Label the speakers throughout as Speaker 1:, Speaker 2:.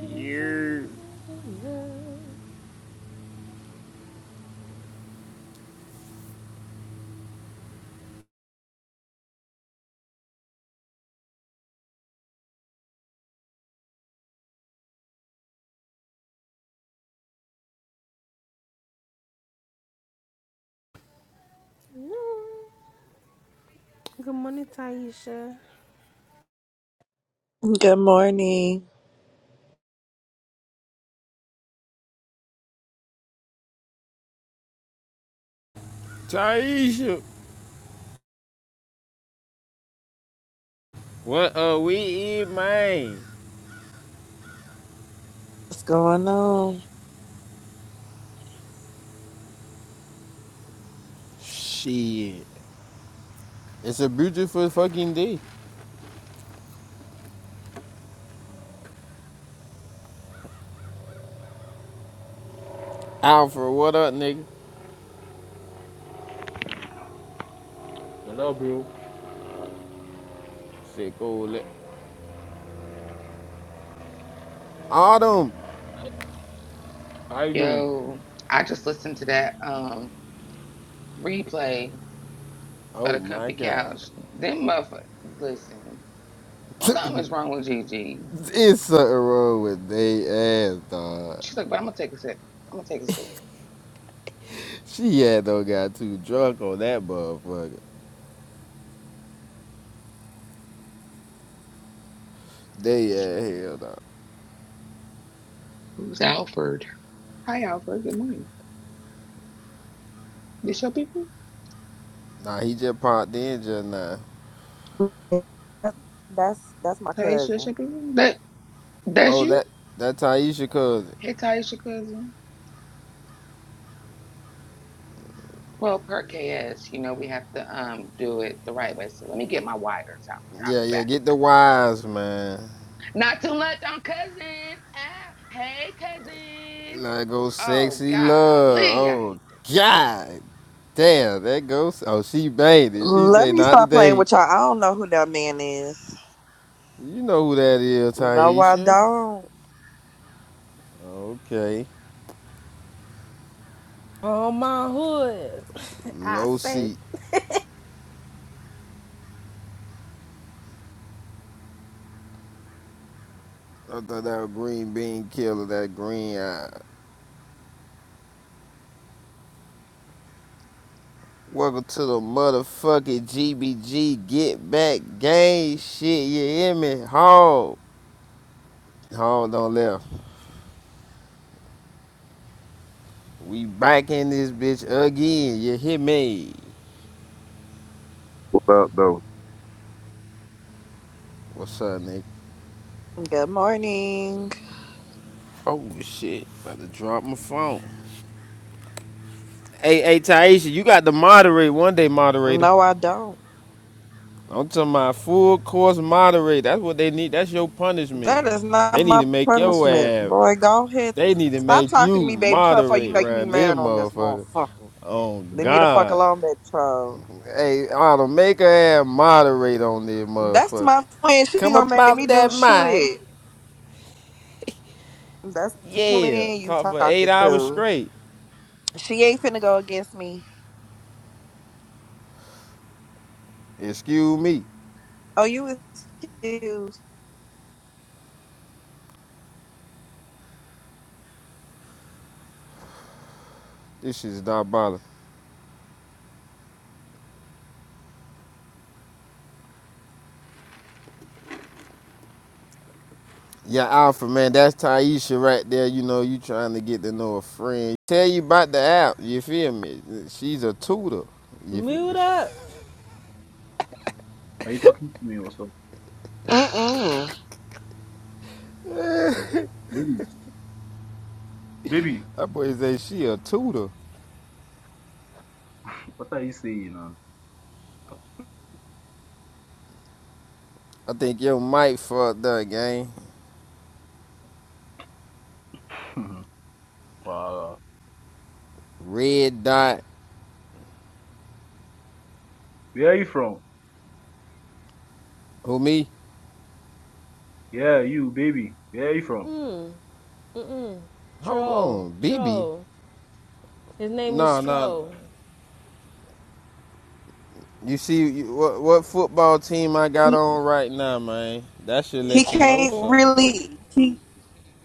Speaker 1: You,
Speaker 2: Good morning, Taisha.
Speaker 3: Good morning.
Speaker 1: Taisha, what are we eating, man?
Speaker 3: What's going on?
Speaker 1: Shit, it's a beautiful fucking day. Alfred, what up, nigga?
Speaker 4: Hello, bro.
Speaker 1: Sick old li- Autumn.
Speaker 4: How you doing?
Speaker 5: Yo, I just listened to that um replay of
Speaker 1: Oh
Speaker 5: the
Speaker 1: my
Speaker 5: comfy
Speaker 1: god.
Speaker 5: couch. Them motherfuckers, listen, something is wrong with Gigi.
Speaker 1: it's something wrong with they ass, dog.
Speaker 5: She's like, but I'm gonna take a sip. I'm gonna take a sip.
Speaker 1: She had though got too drunk on that motherfucker. They ass hell, dog.
Speaker 5: Who's Alfred? Hi, Alfred. Good morning. This your people?
Speaker 1: Nah, he just popped in just now.
Speaker 3: That- That's that's my
Speaker 5: Taisha, that's
Speaker 3: cousin.
Speaker 5: your people? That that's
Speaker 1: Oh,
Speaker 5: you?
Speaker 1: that that Taisha cousin.
Speaker 5: Hey, Taisha, cousin. Well, per KS, you know we have to um do it the right way. So let me get my wires out. Alfred. I'll
Speaker 1: Yeah,
Speaker 5: be
Speaker 1: yeah,
Speaker 5: back.
Speaker 1: get the wise man.
Speaker 5: Not too much on cousin. Ah, hey, cousin.
Speaker 1: Let go
Speaker 5: Oh,
Speaker 1: sexy
Speaker 5: golly, I
Speaker 1: love. Oh
Speaker 5: hate that.
Speaker 1: God damn, that goes oh she made it. She
Speaker 3: Let
Speaker 1: say
Speaker 3: me
Speaker 1: not
Speaker 3: stop playing
Speaker 1: today.
Speaker 3: with y'all. I don't know who that man is.
Speaker 1: You know who that is,
Speaker 3: No, I
Speaker 1: Taisha.
Speaker 3: don't.
Speaker 1: Okay.
Speaker 2: On my hood, I
Speaker 1: Low
Speaker 2: say,
Speaker 1: seat. I thought that was green bean killer, that green eye. Welcome to the motherfucking GBG get back gang shit, you hear me? Hog. Hog don't left. We back in this bitch again, you hear me?
Speaker 6: What up, though?
Speaker 1: What's up, nigga?
Speaker 3: Good morning.
Speaker 1: Oh shit, about to drop my phone. Hey, hey, Taisha, you got to moderate one day, moderator.
Speaker 3: No, I don't.
Speaker 1: I'm talking about full course moderate. That's what they need. That's your punishment.
Speaker 3: That is not
Speaker 1: They need
Speaker 3: my
Speaker 1: to make your
Speaker 3: punishment.
Speaker 1: ass.
Speaker 3: Boy, go ahead.
Speaker 1: They need to
Speaker 3: Stop
Speaker 1: make
Speaker 3: talking to
Speaker 1: you
Speaker 3: me, baby troll, before you
Speaker 1: moderate
Speaker 3: make me
Speaker 1: around this
Speaker 3: mad on this
Speaker 1: motherfucker.
Speaker 3: motherfucker.
Speaker 1: Oh
Speaker 3: Leave me the fuck
Speaker 1: God.
Speaker 3: alone, baby troll.
Speaker 1: Hey, Autumn, make her ass moderate on this
Speaker 3: That's
Speaker 1: motherfucker.
Speaker 3: my twin. She
Speaker 1: Come
Speaker 3: gonna make me
Speaker 1: about
Speaker 3: do
Speaker 1: that mic.
Speaker 3: shit. That's the
Speaker 1: Yeah.
Speaker 3: twin you
Speaker 1: Talk for
Speaker 3: talking
Speaker 1: eight hours
Speaker 3: to.
Speaker 1: straight.
Speaker 3: She ain't finna go against me.
Speaker 1: Excuse me.
Speaker 3: Oh, you excused.
Speaker 1: This shit's diabolical. Yeah, Alpha man, that's Taisha right there. You know, you trying to get to know a friend. Tell you about the app. You feel me? She's a tutor. You feel
Speaker 2: mute
Speaker 1: me?
Speaker 2: up.
Speaker 4: Are you talking to me also?
Speaker 3: Mm-mm.
Speaker 4: Baby, baby,
Speaker 1: That boy say she a tutor.
Speaker 4: what are you saying,
Speaker 1: I think your mic fucked up, gang.
Speaker 4: man? wow.
Speaker 1: Red dot.
Speaker 4: Where are you from?
Speaker 1: Who me?
Speaker 4: Yeah, you, baby. Where are you from?
Speaker 2: Mm, mm-mm.
Speaker 1: Hold
Speaker 2: Troll,
Speaker 1: on, BB.
Speaker 2: troll. His name is
Speaker 1: Nah, nah.
Speaker 2: Troll.
Speaker 1: You see you, what what football team I got
Speaker 3: He,
Speaker 1: on right now, man? That should
Speaker 3: he
Speaker 1: let you know
Speaker 3: can't
Speaker 1: something.
Speaker 3: really. He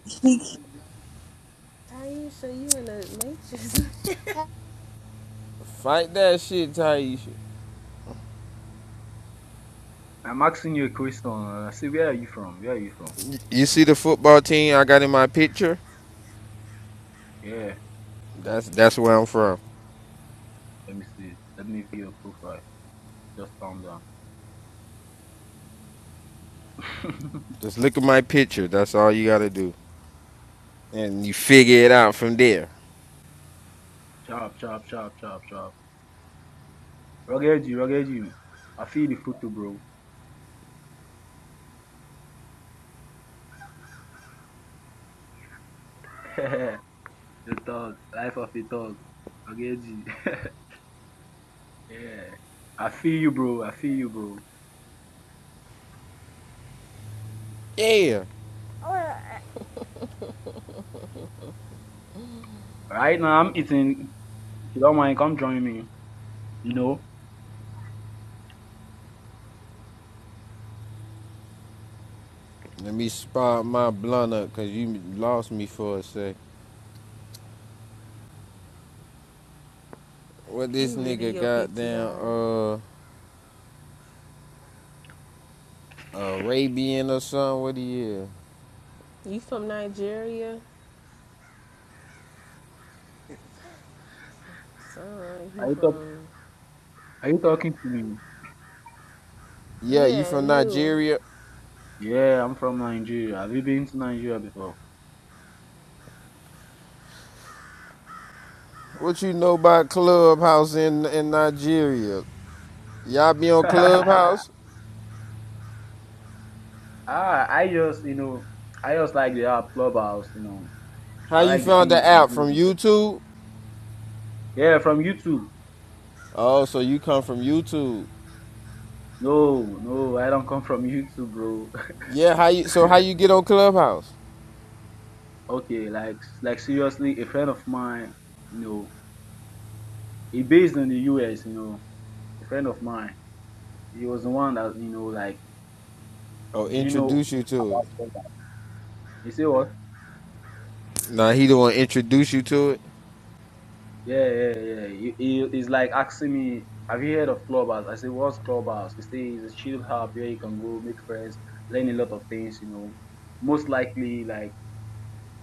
Speaker 3: he
Speaker 2: Taisha, you in the matrix.
Speaker 1: Fight that shit, Taisha.
Speaker 4: I'm asking you a question. and I say, where are you from? Where are you from?
Speaker 1: You see the football team I got in my picture?
Speaker 4: Yeah,
Speaker 1: That's that's where I'm from.
Speaker 4: let me see. Let me view your profile. Just calm down.
Speaker 1: Just look at my picture. That's all you gotta do, and you figure it out from there.
Speaker 4: sharp, sharp, sharp, sharp, sharp. Rugged you, rugged you. I feel the photo, bro. the dog. Life of a dog. Rugged you. yeah. I feel you, bro. I feel you, bro.
Speaker 1: Yeah.
Speaker 4: Right now I'm eating. If you don't mind, come join me. You know?
Speaker 1: Let me spot my blunt up, cause you lost me for a sec. What
Speaker 2: he
Speaker 1: this
Speaker 2: really
Speaker 1: nigga
Speaker 2: your PTR.
Speaker 1: goddamn uh Arabian or something? What he is?
Speaker 2: You from Nigeria? Son, he
Speaker 4: Are you talk
Speaker 2: from.
Speaker 4: are you talking to me?
Speaker 1: Yeah, you
Speaker 2: Yeah,
Speaker 1: from
Speaker 2: you.
Speaker 1: Nigeria?
Speaker 4: Yeah, I'm from Nigeria. Have you been to Nigeria before?
Speaker 1: What you know about Clubhouse in in Nigeria? Y'all be on
Speaker 4: ah,
Speaker 1: Clubhouse?
Speaker 4: I just you know I just like the app clubhouse, you know.
Speaker 1: How
Speaker 4: I
Speaker 1: you
Speaker 4: like the
Speaker 1: found the
Speaker 4: things you
Speaker 1: app from
Speaker 4: do.
Speaker 1: YouTube?
Speaker 4: Yeah, from YouTube.
Speaker 1: Oh, so you come from YouTube?
Speaker 4: No, no, I don't come from YouTube, bro.
Speaker 1: Yeah. How you? So how you get on Clubhouse?
Speaker 4: okay, like like seriously, a friend of mine, you know, he based in the US, you know, a friend of mine. He was the one that, you know, like,
Speaker 1: Oh,
Speaker 4: do you know
Speaker 1: introduce you to it.
Speaker 4: You say what?
Speaker 1: Nah, he the one introduce you to it.
Speaker 4: Yeah, yeah, yeah. yeah. He, he, he's like asking me, have you heard of Clubhouse? I say, what's Clubhouse? He say it's a chill hub where you can go make friends, learn a lot of things, you know. Most likely, like,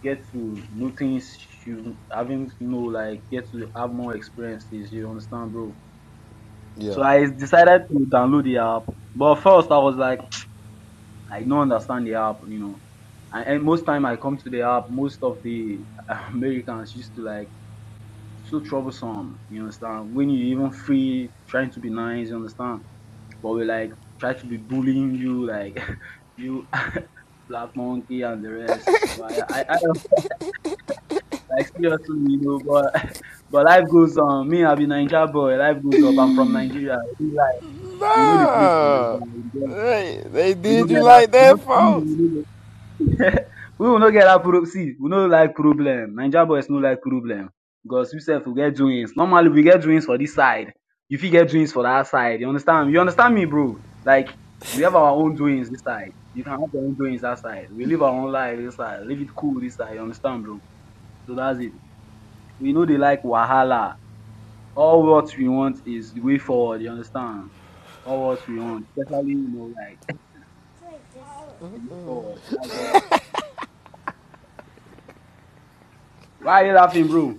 Speaker 4: get to know things you haven't know, like, get to have more experiences, you understand, bro? So
Speaker 1: Yeah,
Speaker 4: I decided to download the app. But first, I was like, I don't understand the app, you know. And, and most time I come to the app, most of the Americans used to like so troublesome. You understand? When you even free trying to be nice, you understand? But we like try to be bullying you, like you, Black Monkey and the rest. But I, I, I don't- like seriously, you know. But but life goes on. Me, I be Nigeria boy. Life goes up. I'm from Nigeria. We like we know the place from
Speaker 1: Nah,
Speaker 4: Nigeria. We know
Speaker 1: they, they
Speaker 4: we know
Speaker 1: did you
Speaker 4: that.
Speaker 1: like
Speaker 4: We
Speaker 1: that,
Speaker 4: know, we
Speaker 1: folks.
Speaker 4: know, We will not get that problem. See, we no like problem. Ninja boys no like problem. Because we self we get doings. Normally we get doings for this side. You fit get doings for that side. You understand? You understand me, bro? Like we have our own doings this side. You can have your own doings that side. We live our own life this side. Live it cool this side. You understand, bro? So that's it. We know they like Wahala. All what we want is the way forward, you understand? All what we want. Especially, you know, like the way
Speaker 2: Mm-mm.
Speaker 4: forward. That's all. Why are you laughing, bro?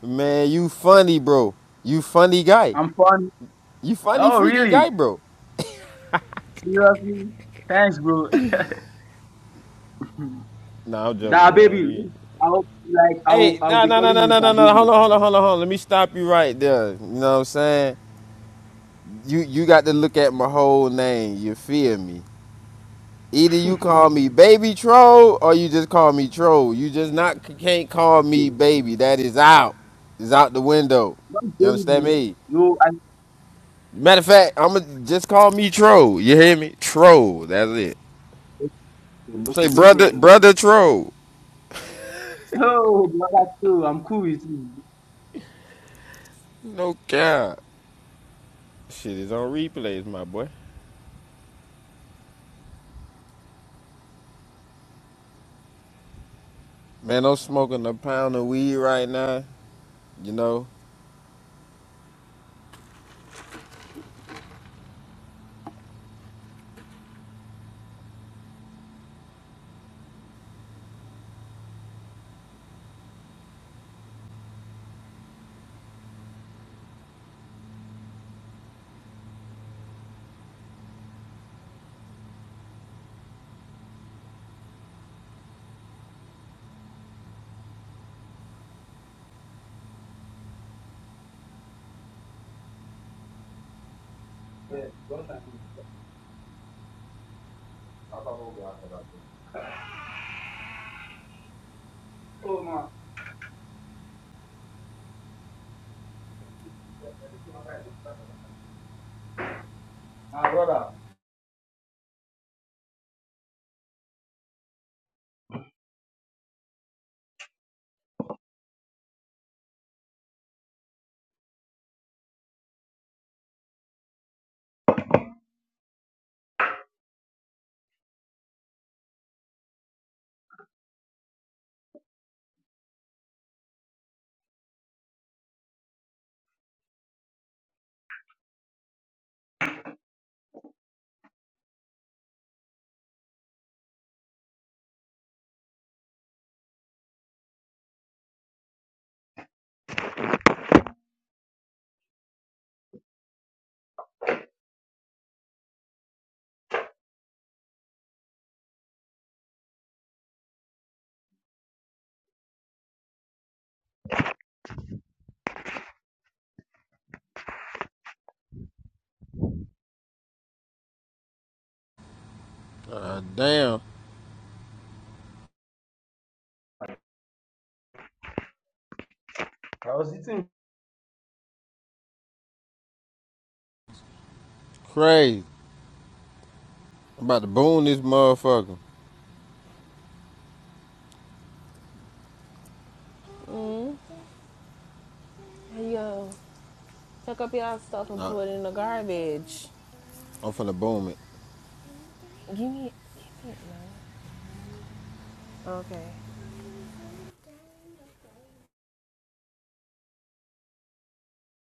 Speaker 1: man, you funny, bro. You funny guy.
Speaker 4: I'm funny.
Speaker 1: You funny
Speaker 4: Oh
Speaker 1: freaking
Speaker 4: really?
Speaker 1: guy, bro.
Speaker 4: Seriously? Thanks, bro.
Speaker 1: Nah, I'm joking,
Speaker 4: Da
Speaker 1: bro.
Speaker 4: baby.
Speaker 1: You...
Speaker 4: I'll like I'll
Speaker 1: Hey,
Speaker 4: I'll
Speaker 1: nah,
Speaker 4: be
Speaker 1: nah, nah,
Speaker 4: calling
Speaker 1: nah,
Speaker 4: you
Speaker 1: nah,
Speaker 4: Da
Speaker 1: nah, nah.
Speaker 4: baby.
Speaker 1: Hold on, hold on, hold on, hold on. Let me stop you right there. You know what I'm saying? You you got to look at my whole name. You feel me? Either you call me baby troll or you just call me troll. You just not can't call
Speaker 4: okay.
Speaker 1: me baby. That is out. It's out the window.
Speaker 4: Not
Speaker 1: You understand
Speaker 4: baby.
Speaker 1: me?
Speaker 4: No, I
Speaker 1: Matter of fact, I'ma just call me troll. You hear me? Troll. That's it.
Speaker 4: okay, okay,
Speaker 1: Say
Speaker 4: no
Speaker 1: brother,
Speaker 4: problem, bro.
Speaker 1: brother troll.
Speaker 4: Oh, brother, too. I'm cool with you.
Speaker 1: No cap. Shit is on replays, my boy. Man, I'm smoking a pound of weed right now. You know,
Speaker 4: Yeah, because I'm- Oh man. Ah, brother.
Speaker 1: uh, damn,
Speaker 4: I was eating
Speaker 1: crazy. I'm about to boom this motherfucker.
Speaker 2: Mm. Hey, Yo. Tuck up y'all stuff and
Speaker 1: Nah,
Speaker 2: put it in the garbage.
Speaker 1: I'm finna boom it.
Speaker 2: Give me, give me, it, man. Okay.